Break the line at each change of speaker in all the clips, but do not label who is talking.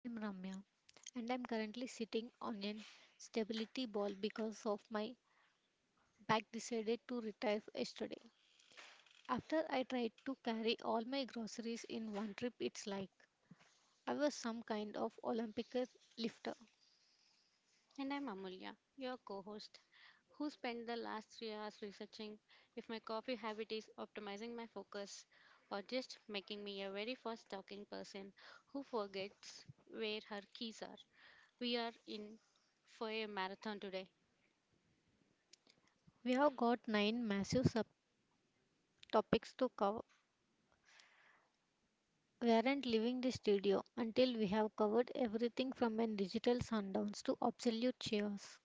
I'm Ramya and I'm currently sitting on an stability ball because of my back decided to retire yesterday. After I tried to carry all my groceries in one trip, it's like I was some kind of Olympic lifter.
And I'm Amulya, your co host, who spent the last 3 hours researching if my coffee habit is optimizing my focus, or just making me a very fast talking person who forgets where her keys are. We are in for a marathon today.
We have got nine massive subtopics to cover. We aren't leaving the studio until we have covered everything from an digital sundowns to absolute cheers.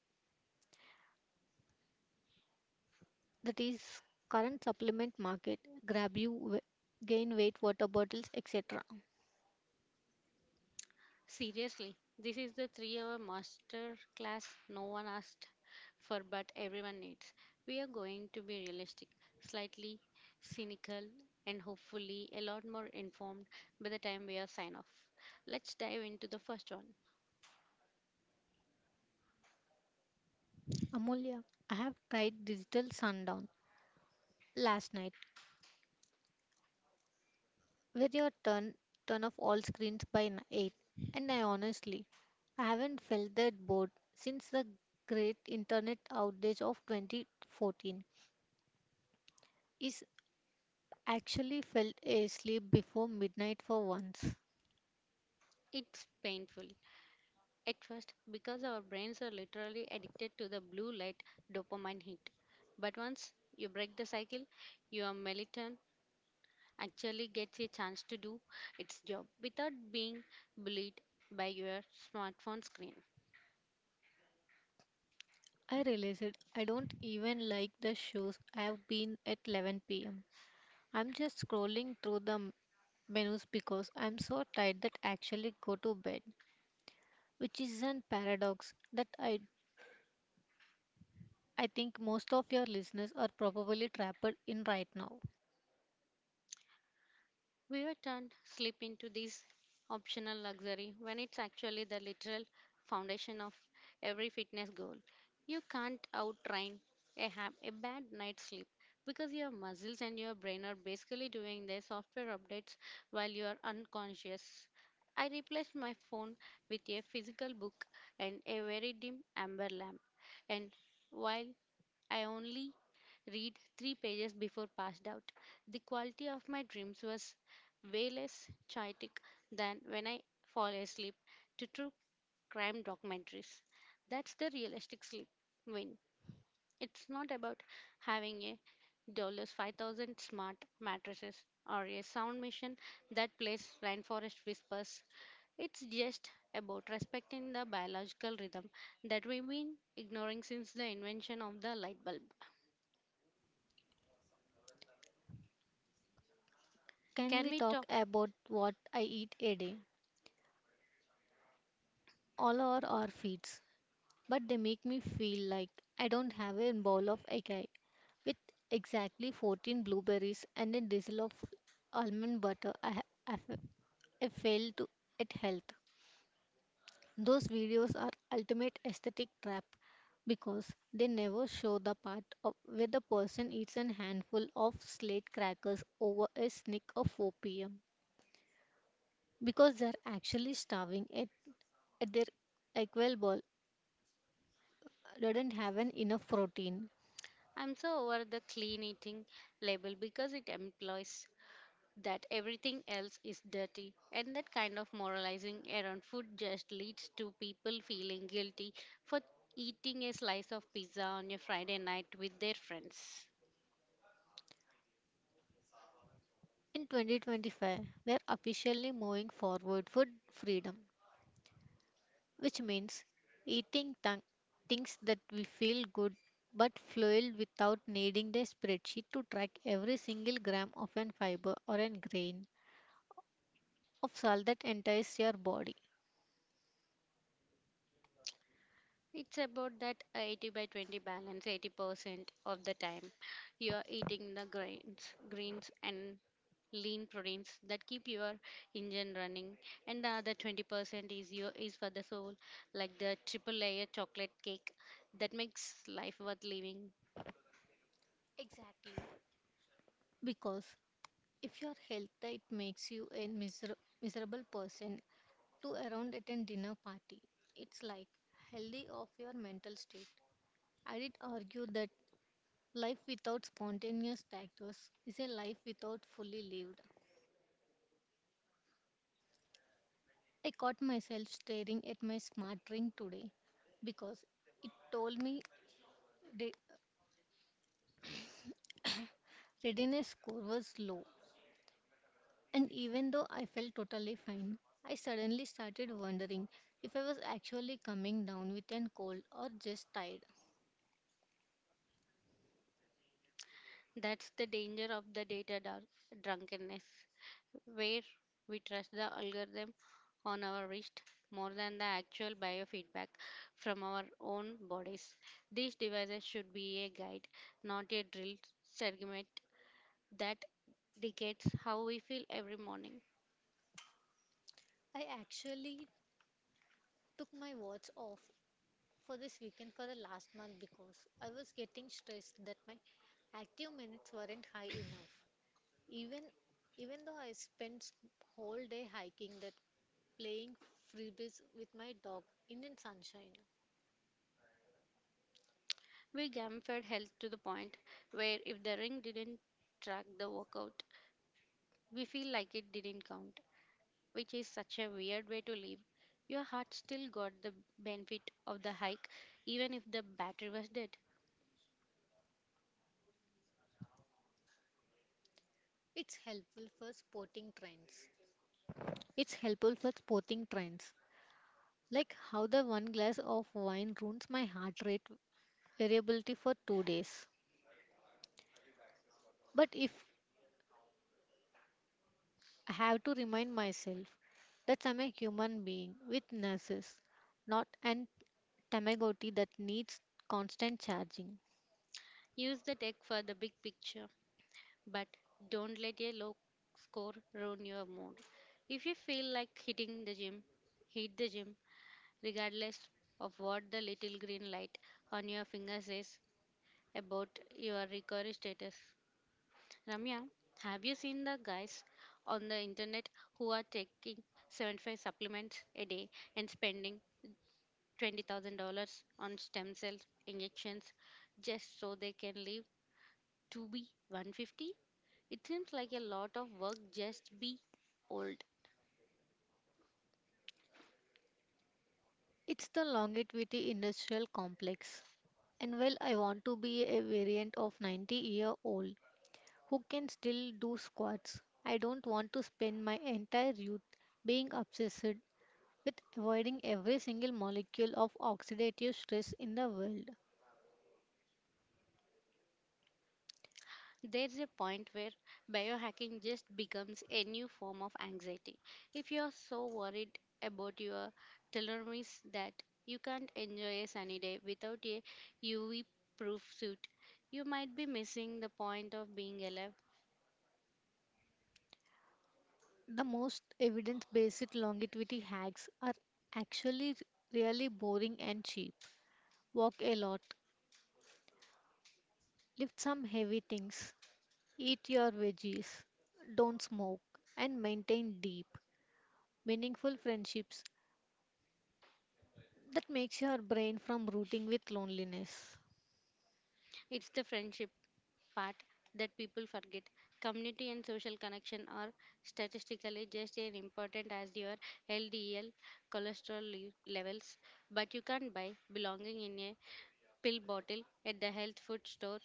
That is current supplement market, grab you gain weight water bottles, etc.
Seriously, this is the 3 hour master class no one asked for but everyone needs. We are going to be realistic, slightly cynical, and hopefully a lot more informed by the time we are sign off. Let's dive into the first one.
Amulya, I have tried digital sundown last night, where you turn off all screens by 8, and I honestly, I haven't felt that bored since the great internet outage of 2014. Is actually felt a sleep before midnight for once.
It's painful at first because our brains are literally addicted to the blue light dopamine hit. But once you break the cycle, your melatonin actually gets a chance to do its job without being bullied by your smartphone screen.
I realized I don't even like the shows I have been at 11 p.m. I'm just scrolling through the menus because I'm so tired that I actually go to bed, which is a paradox that I think most of your listeners are probably trapped in right now.
We were turned sleep into this optional luxury when it's actually the literal foundation of every fitness goal. You can't out train a bad night's sleep because your muscles and your brain are basically doing their software updates while you are unconscious. I replaced my phone with a physical book and a very dim amber lamp. And while I only read three pages before passed out, the quality of my dreams was way less chaotic than when I fall asleep to true crime documentaries. That's the realistic sleep win. It's not about having a dollars 5,000 smart mattresses or a sound machine that plays rainforest whispers. It's just about respecting the biological rhythm that we've been ignoring since the invention of the light bulb.
Can we
Can we
talk
talk?
about what I eat a day? All are our feeds, but they make me feel like I don't have a bowl of acai with exactly 14 blueberries and a drizzle of almond butter. I ha- I fa- I failed to at health. Those videos are ultimate aesthetic trap because they never show the part of where the person eats a handful of slate crackers over a snack of 4 p.m. because they're actually starving at their equal ball doesn't have an enough protein.
I'm so over the clean eating label because it implies that everything else is dirty, and that kind of moralizing around food just leads to people feeling guilty for eating a slice of pizza on a Friday night with their friends.
In 2025, we're officially moving forward for freedom, which means eating things that we feel good but fuel without needing the spreadsheet to track every single gram of an fiber or a grain of salt that enters your body.
It's about that 80 by 20 balance. 80% of the time, you are eating the grains, greens and lean proteins that keep your engine running, and the other 20% is your is for the soul, like the triple layer chocolate cake that makes life worth living.
Exactly. Because if your health it makes you a miserable person to around at a dinner party, it's like healthy of your mental state. I did argue that life without spontaneous tactics is a life without fully lived. I caught myself staring at my smart ring today because it told me the readiness score was low. And even though I felt totally fine, I suddenly started wondering if I was actually coming down with an cold or just tired.
That's the danger of the data drunkenness where we trust the algorithm on our wrist more than the actual biofeedback from our own bodies. These devices should be a guide, not a drill segment that dictates how we feel every morning.
I actually took my watch off for this weekend for the last month because I was getting stressed that my active minutes weren't high enough. Even even though I spent whole day hiking that playing frisbees with my dog in the sunshine.
We gamified health to the point where if the ring didn't track the workout, we feel like it didn't count, which is such a weird way to live. Your heart still got the benefit of the hike, even if the battery was dead.
It's helpful for sporting trends. It's helpful for sporting trends. Like how the one glass of wine ruins my heart rate variability for 2 days. But if I have to remind myself that I'm a human being with nurses, not an Tamagotchi that needs constant charging.
Use the tech for the big picture, but don't let a low score ruin your mood. If you feel like hitting the gym, hit the gym, regardless of what the little green light on your finger says about your recovery status. Ramya, have you seen the guys on the internet who are taking 75 supplements a day and spending $20,000 on stem cell injections just so they can live to be 150? It seems like a lot of work just be old.
It's the longevity industrial complex. And well, I want to be a variant of 90-year-old who can still do squats. I don't want to spend my entire youth being obsessed with avoiding every single molecule of oxidative stress in the world.
There's a point where biohacking just becomes a new form of anxiety. If you're so worried about your telomeres that you can't enjoy a sunny day without a UV proof suit, you might be missing the point of being alive.
The most evidence based longevity hacks are actually really boring and cheap. Walk a lot, lift some heavy things, eat your veggies, don't smoke, and maintain deep, meaningful friendships that makes your brain from rooting with loneliness.
It's the friendship part that people forget. Community and social connection are statistically just as important as your LDL cholesterol levels, but you can't buy belonging in a pill bottle at the health food store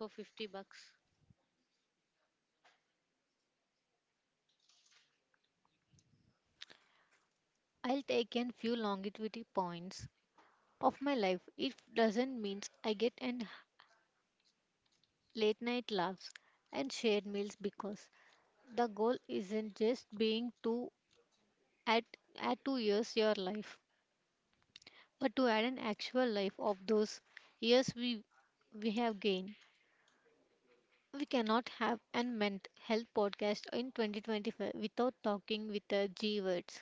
for 50 bucks.
I'll take in few longevity points of my life. It doesn't mean I get an late night laughs and shared meals, because the goal isn't just being to add add 2 years your life, but to add an actual life of those years we have gained. We cannot have an mental health podcast in 2025 without talking with the G words.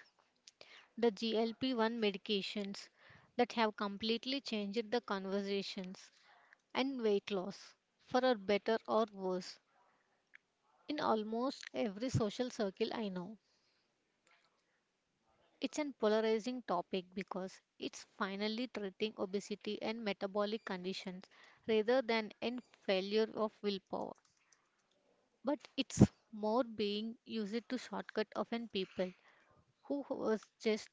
The GLP-1 medications that have completely changed the conversations and weight loss, for a better or worse, in almost every social circle I know. It's an polarizing topic because it's finally treating obesity and metabolic conditions rather than an failure of willpower. But it's more being used to shortcut often people who was just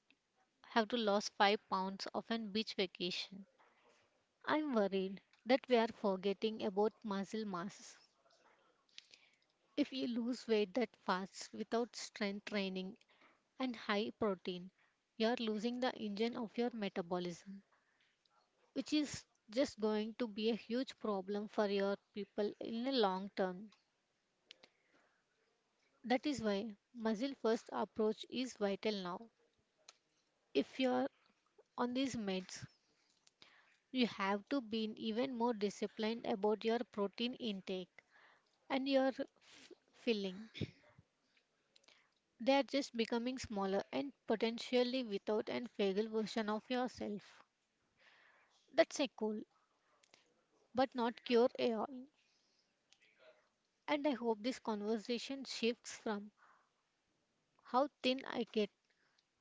have to lose 5 pounds of an beach vacation. I'm worried that we are forgetting about muscle mass. If you lose weight that fast without strength training and high protein, you're losing the engine of your metabolism, which is just going to be a huge problem for your people in the long term. That is why muscle first approach is vital now. If you're on these meds, you have to be even more disciplined about your protein intake and your filling. They are just becoming smaller and potentially without and fragile version of yourself. That's a cool, but not cure a all. And I hope this conversation shifts from how thin I get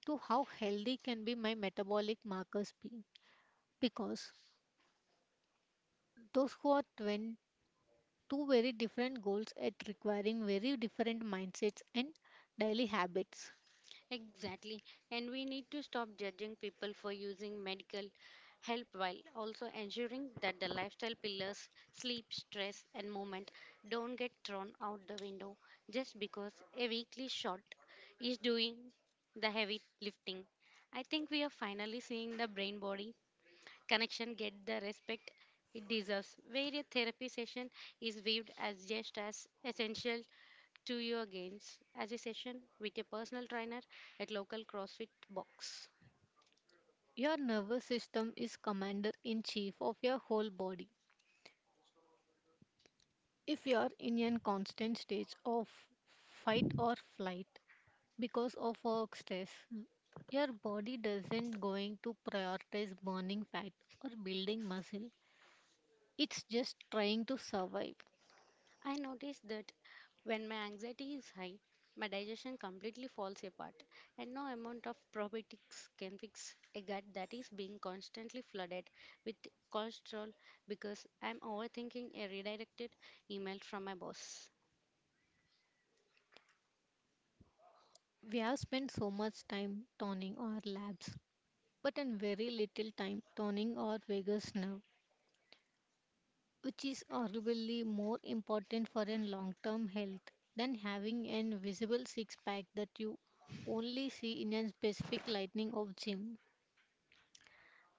to how healthy can be my metabolic markers be. Because those who are twin two very different goals at requiring very different mindsets and daily habits.
Exactly. And we need to stop judging people for using medical help, while also ensuring that the lifestyle pillars, sleep, stress, and movement, don't get thrown out the window just because a weekly shot is doing the heavy lifting. I think we are finally seeing the brain body connection get the respect it deserves, where a therapy session is viewed as just as essential to your gains as a session with a personal trainer at local CrossFit box.
Your nervous system is commander in chief of your whole body. If you're in a constant state of fight or flight because of work stress, your body doesn't going to prioritize burning fat or building muscle. It's just trying to survive.
I noticed that when my anxiety is high, my digestion completely falls apart, and no amount of probiotics can fix a gut that is being constantly flooded with cholesterol because I'm overthinking a redirected email from my boss.
We have spent so much time toning our labs, but in very little time toning our vagus nerve, which is arguably more important for a long term health than having an visible six pack that you only see in a specific lighting of gym.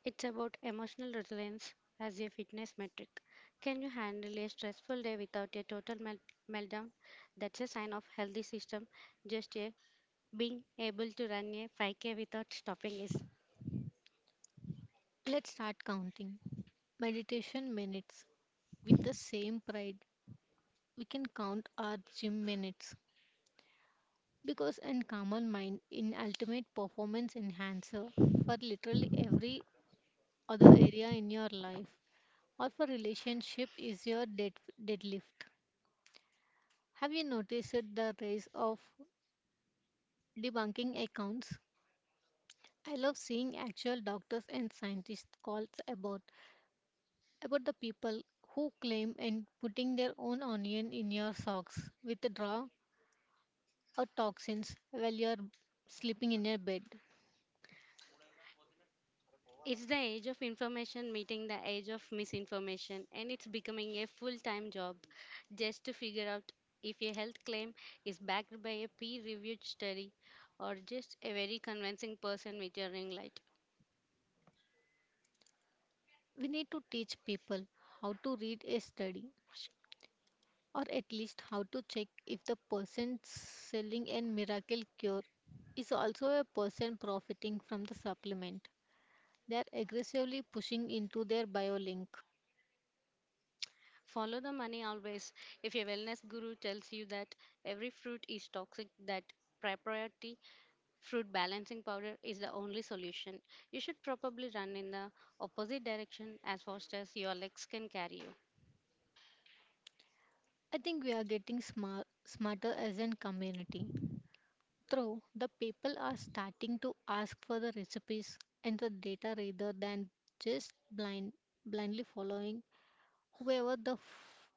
It's about emotional resilience as a fitness metric. Can you handle a stressful day without a total meltdown? That's a sign of healthy system. Just a being able to run a 5K without stopping is
Let's start counting meditation minutes. With the same pride, we can count our gym minutes, because a calmer mind in ultimate performance enhancer for literally every other area in your life, or for relationship is your deadlift. Have you noticed the rise of debunking accounts? I love seeing actual doctors and scientists calls about the people who claim and putting their own onion in your socks with the draw or toxins while you're sleeping in your bed.
it's the age of information meeting the age of misinformation, and it's becoming a full-time job just to figure out if a health claim is backed by a peer-reviewed study or just a very convincing person with a ring light.
We need to teach people how to read a study, or at least how to check if the person selling a miracle cure is also a person profiting from the supplement. They are aggressively pushing into their biolink.
Follow the money always. If your wellness guru tells you that every fruit is toxic, that proprietary fruit balancing powder is the only solution, you should probably run in the opposite direction as fast as your legs can carry you.
I think we are getting smarter as a community. Though the people are starting to ask for the recipes and the data rather than just blindly following whoever the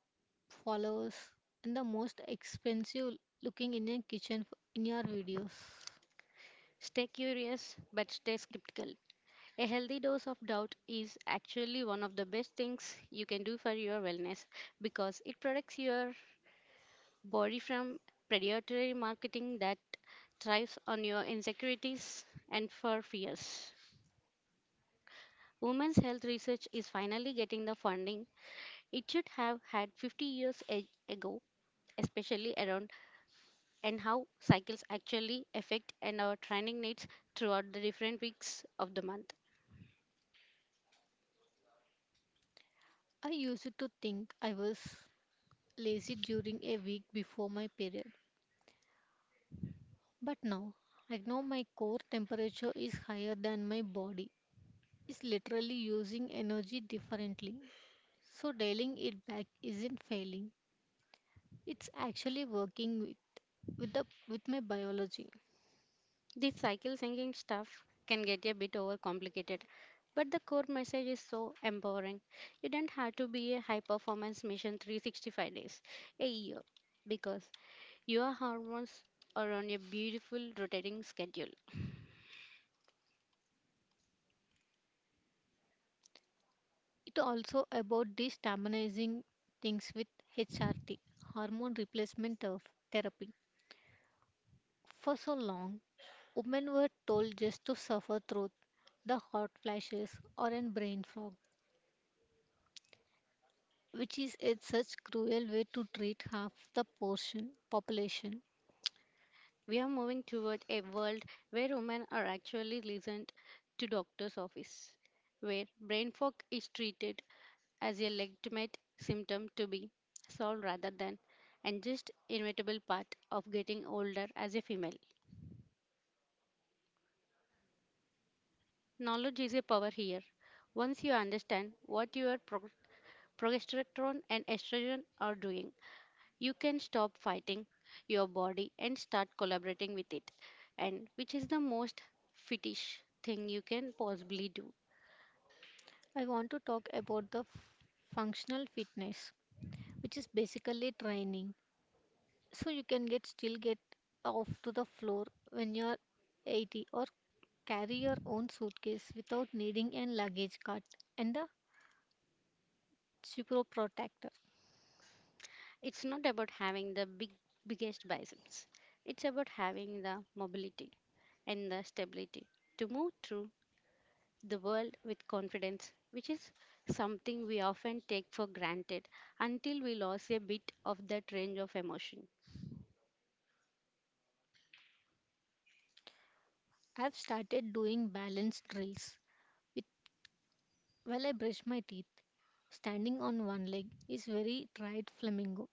follows and the most expensive looking in your kitchen in your videos.
Stay curious, but stay skeptical. A healthy dose of doubt is actually one of the best things you can do for your wellness, because it protects your body from predatory marketing that thrives on your insecurities and for fears. Women's health research is finally getting the funding it should have had 50 years ago, especially around and how cycles actually affect and our training needs throughout the different weeks of the month.
I used to think I was lazy during a week before my period, but now I know my core temperature is higher than my body is literally using energy differently. So dialing it back isn't failing. It's actually working with the with my biology.
This cycle thinking stuff can get a bit overcomplicated, but the core message is so empowering. You don't have to be a high performance mission 365 days a year, because your hormones are on a beautiful rotating schedule.
It also about destabilizing things with HRT, hormone replacement of therapy. For so long, women were told just to suffer through the hot flashes or an brain fog, which is a such cruel way to treat half the portion population.
We are moving toward a world where women are actually listened to doctor's office, where brain fog is treated as a legitimate symptom to be solved rather than and just inevitable part of getting older as a female. Knowledge is a power here. Once you understand what your progesterone and estrogen are doing, you can stop fighting your body and start collaborating with it. And which is the most fetish thing you can possibly do.
I want to talk about the functional fitness, which is basically training. So you can get still get off to the floor when you're 80, or carry your own suitcase without needing a luggage cart and a Cipro protector.
It's not about having the biggest biceps. It's about having the mobility and the stability to move through the world with confidence, which is something we often take for granted until we lose a bit of that range of emotion.
I've started doing balance drills with, while I brush my teeth. Standing on one leg is very tried flamingo,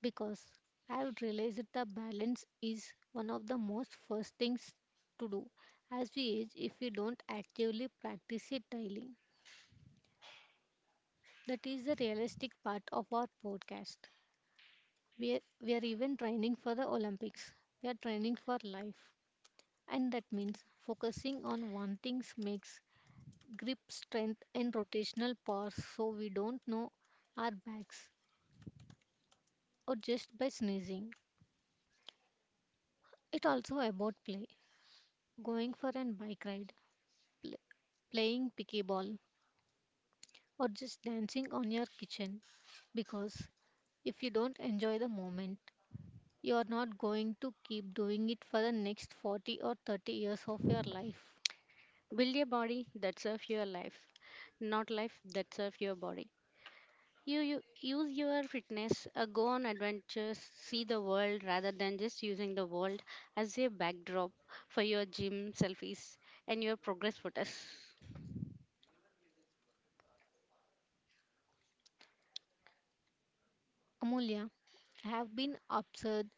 because I've realized that the balance is one of the most first things to do as we age if we don't actively practice it daily. That is the realistic part of our podcast. We are even training for the Olympics. We are training for life. And that means focusing on one thing makes grip strength and rotational power, so we don't know our backs or just by sneezing. It also about play. Going for a bike ride, pl- playing pickleball, or just dancing on your kitchen, because if you don't enjoy the moment, you're not going to keep doing it for the next 40 or 30 years of your life.
Build a body that serves your life, not life that serves your body. You use your fitness, go on adventures, see the world, rather than just using the world as a backdrop for your gym selfies and your progress photos.
Amulya, I have been obsessed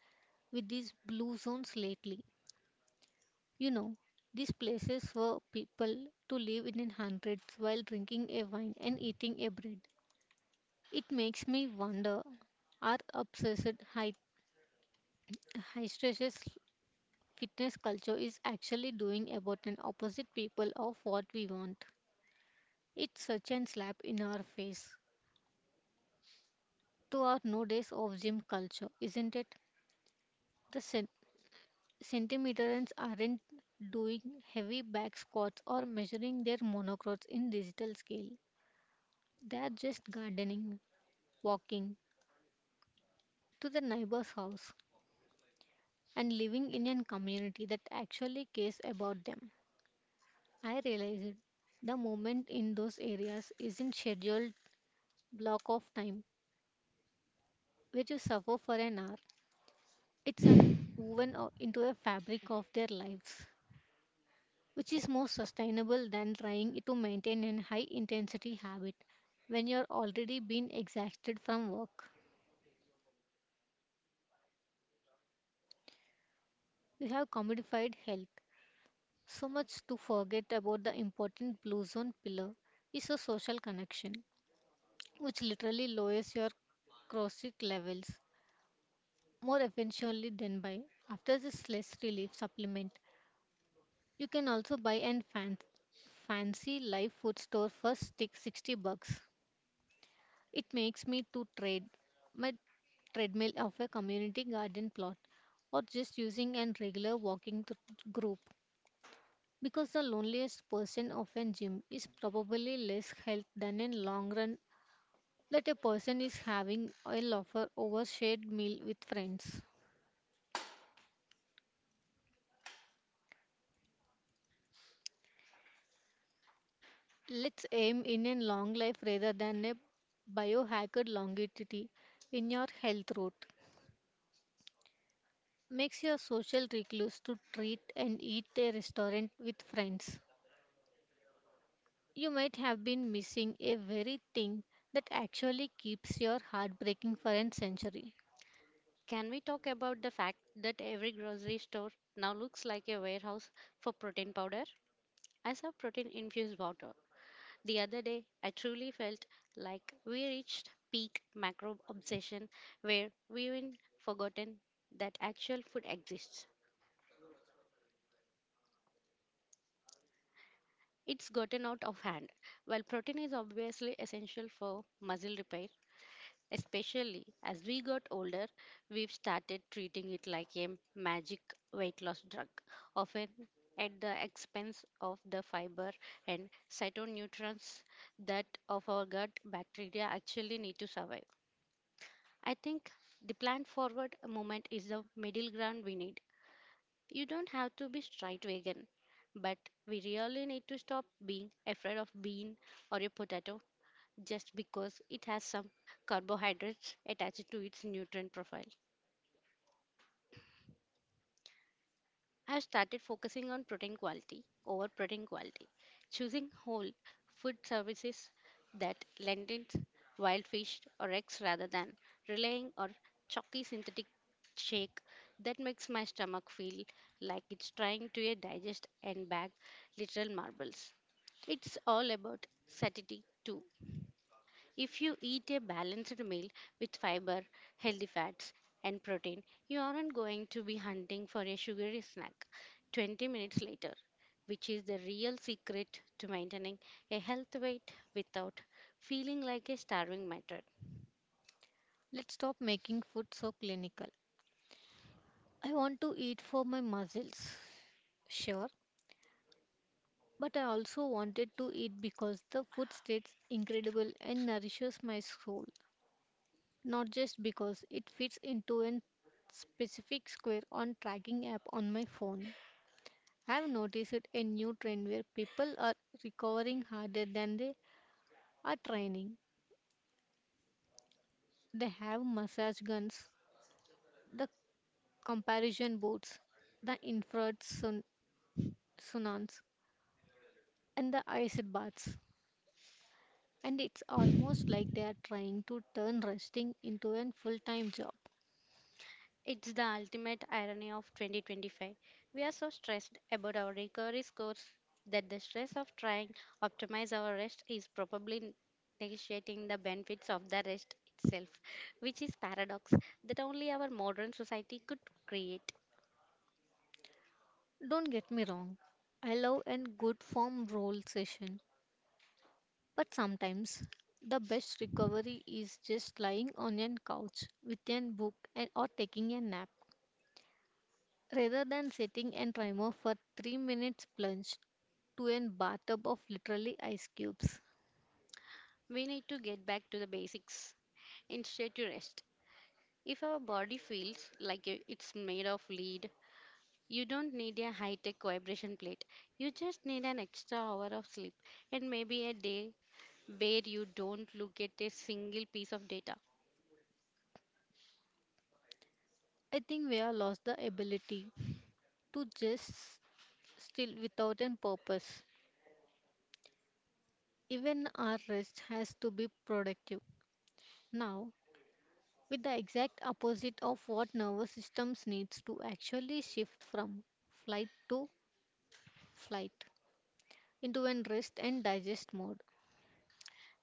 with these blue zones lately. You know, these places for people to live in hundreds while drinking a wine and eating a bread. It makes me wonder our obsessed high stress fitness culture is actually doing about an opposite people of what we want. It's such an slap in our face to our nowadays of gym culture, isn't it? The centimeterans aren't doing heavy back squats or measuring their monocrots in digital scale. They are just gardening, walking to the neighbor's house, and living in a community that actually cares about them. I realized the movement in those areas isn't scheduled block of time where you suffer for an hour. It's an woven into a fabric of their lives, which is more sustainable than trying to maintain a high intensity habit when you're already being exhausted from work. We have commodified health so much to forget about the important blue zone pillar is a social connection, which literally lowers your cortisol levels more efficiently than by. After the stress relief supplement, you can also buy and fancy live food store for stick $60. It makes me to trade my treadmill of a community garden plot or just using a regular walking group, because the loneliest person of a gym is probably less health than in long run that a person is having a loafer over shared meal with friends. Let's aim in a long life rather than a biohacked longevity in your health route. Makes your social recluse to treat and eat a restaurant with friends. You might have been missing a very thing that actually keeps your heart breaking for a century.
Can we talk about the fact that every grocery store now looks like a warehouse for protein powder? I saw protein infused water the other day. I truly felt like we reached peak macro obsession, where we've even forgotten that actual food exists. It's gotten out of hand. While protein is obviously essential for muscle repair, especially as we got older, we've started treating it like a magic weight loss drug, often at the expense of the fiber and cytonutrients that of our gut bacteria actually need to survive. I think the plant forward movement is the middle ground we need. You don't have to be straight vegan, but we really need to stop being afraid of bean or a potato just because it has some carbohydrates attached to its nutrient profile. I have started focusing on protein quality over protein quality, choosing whole food services that lentils, wild fish, or eggs, rather than relying on chalky synthetic shake that makes my stomach feel like it's trying to digest and bag literal marbles. It's all about satiety too. If you eat a balanced meal with fiber, healthy fats, and protein, you aren't going to be hunting for a sugary snack 20 minutes later, which is the real secret to maintaining a healthy weight without feeling like a starving martyr.
Let's stop making food so clinical. I want to eat for my muscles, sure, but I also wanted to eat because the food tastes incredible and nourishes my soul, not just because it fits into a specific square on tracking app on my phone. I've noticed a new trend where people are recovering harder than they are training. They have massage guns, the comparison boards, the infrared saunas, and the ice baths. And it's almost like they are trying to turn resting into a full time job.
It's the ultimate irony of 2025. We are so stressed about our recovery scores that the stress of trying optimize our rest is probably negotiating the benefits of the rest itself, which is paradox that only our modern society could create.
Don't get me wrong, I love a good form roll session, but sometimes the best recovery is just lying on a couch with a book and or taking a nap rather than sitting and timer for 3 minutes plunged to a bathtub of literally ice cubes.
We need to get back to the basics. Instead, to rest. If our body feels like it's made of lead, you don't need a high tech vibration plate. You just need an extra hour of sleep, and maybe a day where you don't look at a single piece of data.
I think we have lost the ability to just still without a purpose. Even our rest has to be productive. Now, with the exact opposite of what nervous systems needs to actually shift from flight to flight into a rest and digest mode.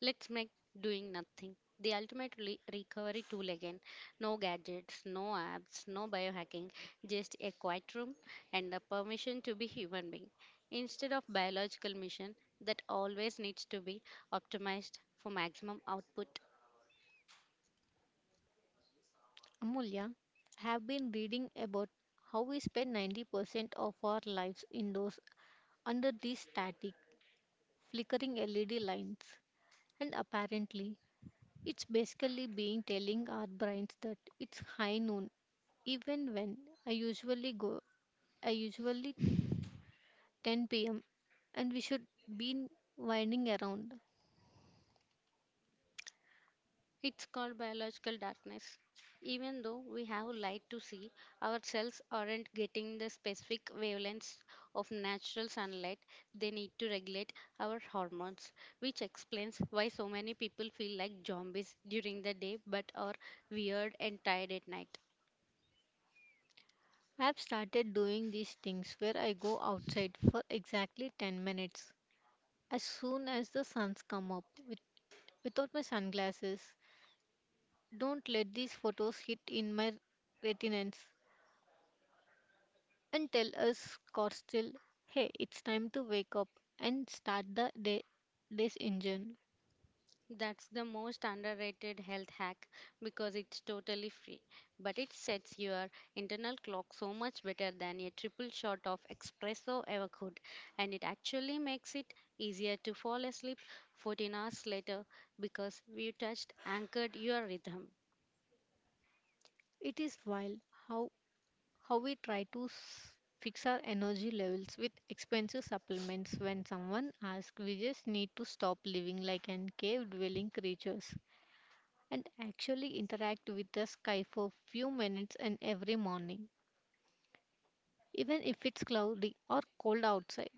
Let's make doing nothing the ultimate recovery tool again. No gadgets, no apps, no biohacking, just a quiet room and the permission to be human being instead of biological mission that always needs to be optimized for maximum output.
Amulya, I have been reading about how we spend 90% of our lives indoors under these static, flickering LED lines. And apparently, it's basically being telling our brains that it's high noon, even when I usually go, I usually 10 p.m., and we should be winding around.
It's called biological darkness. Even though we have light to see, our cells aren't getting the specific wavelengths of natural sunlight they need to regulate our hormones, which explains why so many people feel like zombies during the day but are weird and tired at night.
I've started doing these things where I go outside for exactly 10 minutes as soon as the sun's come up with, without my sunglasses. Don't let these photos hit in my retinance and tell us, Corstil, hey, it's time to wake up and start the day, day's engine.
That's the most underrated health hack because it's totally free, but it sets your internal clock so much better than a triple shot of espresso ever could, and it actually makes it easier to fall asleep 14 hours later because we touched anchored your rhythm.
It is wild how, how we try to fix our energy levels with expensive supplements. When someone asks, we just need to stop living like an cave dwelling creatures and actually interact with the sky for few minutes and every morning, even if it's cloudy or cold outside.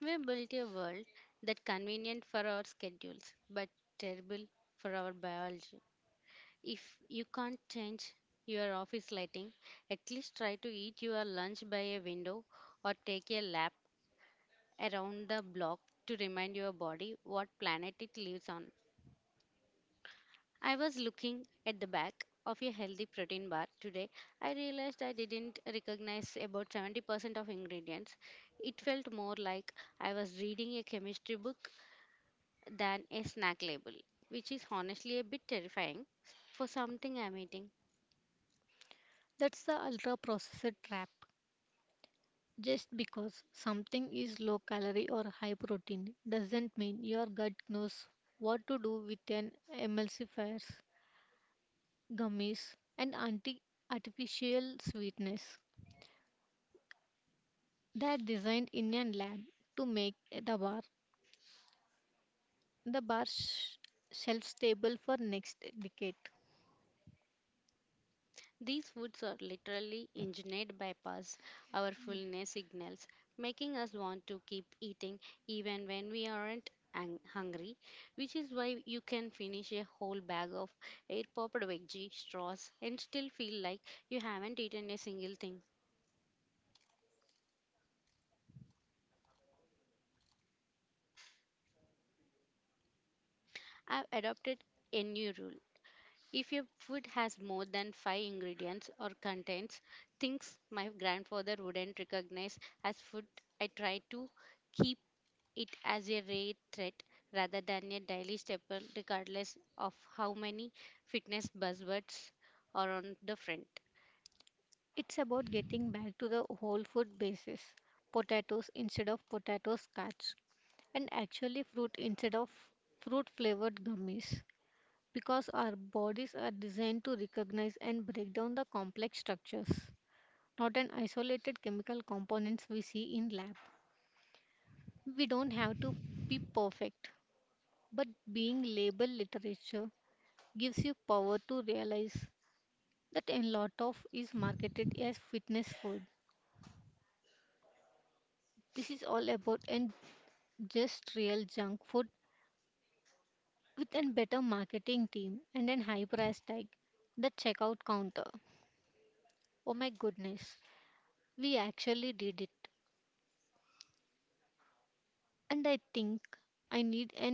We built a world that convenient for our schedules but terrible for our biology. If you can't change your office lighting, at least try to eat your lunch by a window, or take a lap around the block to remind your body what planet it lives on. I was looking at the back of a healthy protein bar today. I realized I didn't recognize about 70% of ingredients. It felt more like I was reading a chemistry book than a snack label, which is honestly a bit terrifying for something I'm eating.
That's the ultra processor trap. Just because something is low calorie or high protein doesn't mean your gut knows what to do with an emulsifiers, gummies, and anti artificial sweetness. They're designed in a lab to make the bar the bar sh- shelf stable for next decade.
These foods are literally engineered bypass our fullness signals, making us want to keep eating even when we aren't hungry, which is why you can finish a whole bag of air popped veggie straws and still feel like you haven't eaten a single thing. I've adopted a new rule. If your food has more than five ingredients or contains things my grandfather wouldn't recognize as food, I try to keep it as a rare threat rather than a daily staple, regardless of how many fitness buzzwords are on the front.
It's about getting back to the whole food basis, potatoes instead of potato starch, and actually fruit instead of fruit flavored gummies, because our bodies are designed to recognize and break down the complex structures, not an isolated chemical components we see in lab. We don't have to be perfect, but being label literature gives you power to realize that a lot of is marketed as fitness food. This is all about and just real junk food with a better marketing team and a high price tag, the checkout counter. Oh my goodness, we actually did it. And I think I need a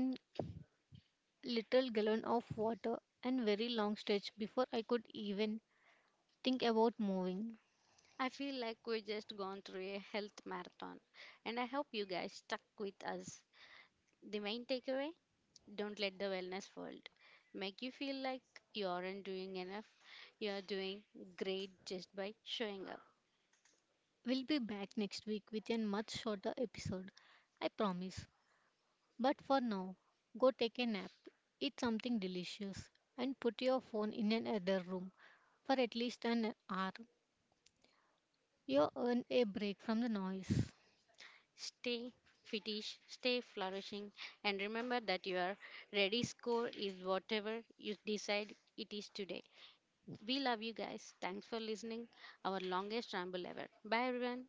little gallon of water and very long stretch before I could even think about moving.
I feel like we just gone through a health marathon, and I hope you guys stuck with us. The main takeaway, don't let the wellness world make you feel like you aren't doing enough. You are doing great just by showing up.
We'll be back next week with a much shorter episode, I promise. But for now, go take a nap, eat something delicious, and put your phone in another room for at least an hour. You earn a break from the noise.
Stay fetish, stay flourishing, and remember that your ready score is whatever you decide it is today. We love you guys. Thanks for listening. Our longest ramble ever. Bye, everyone.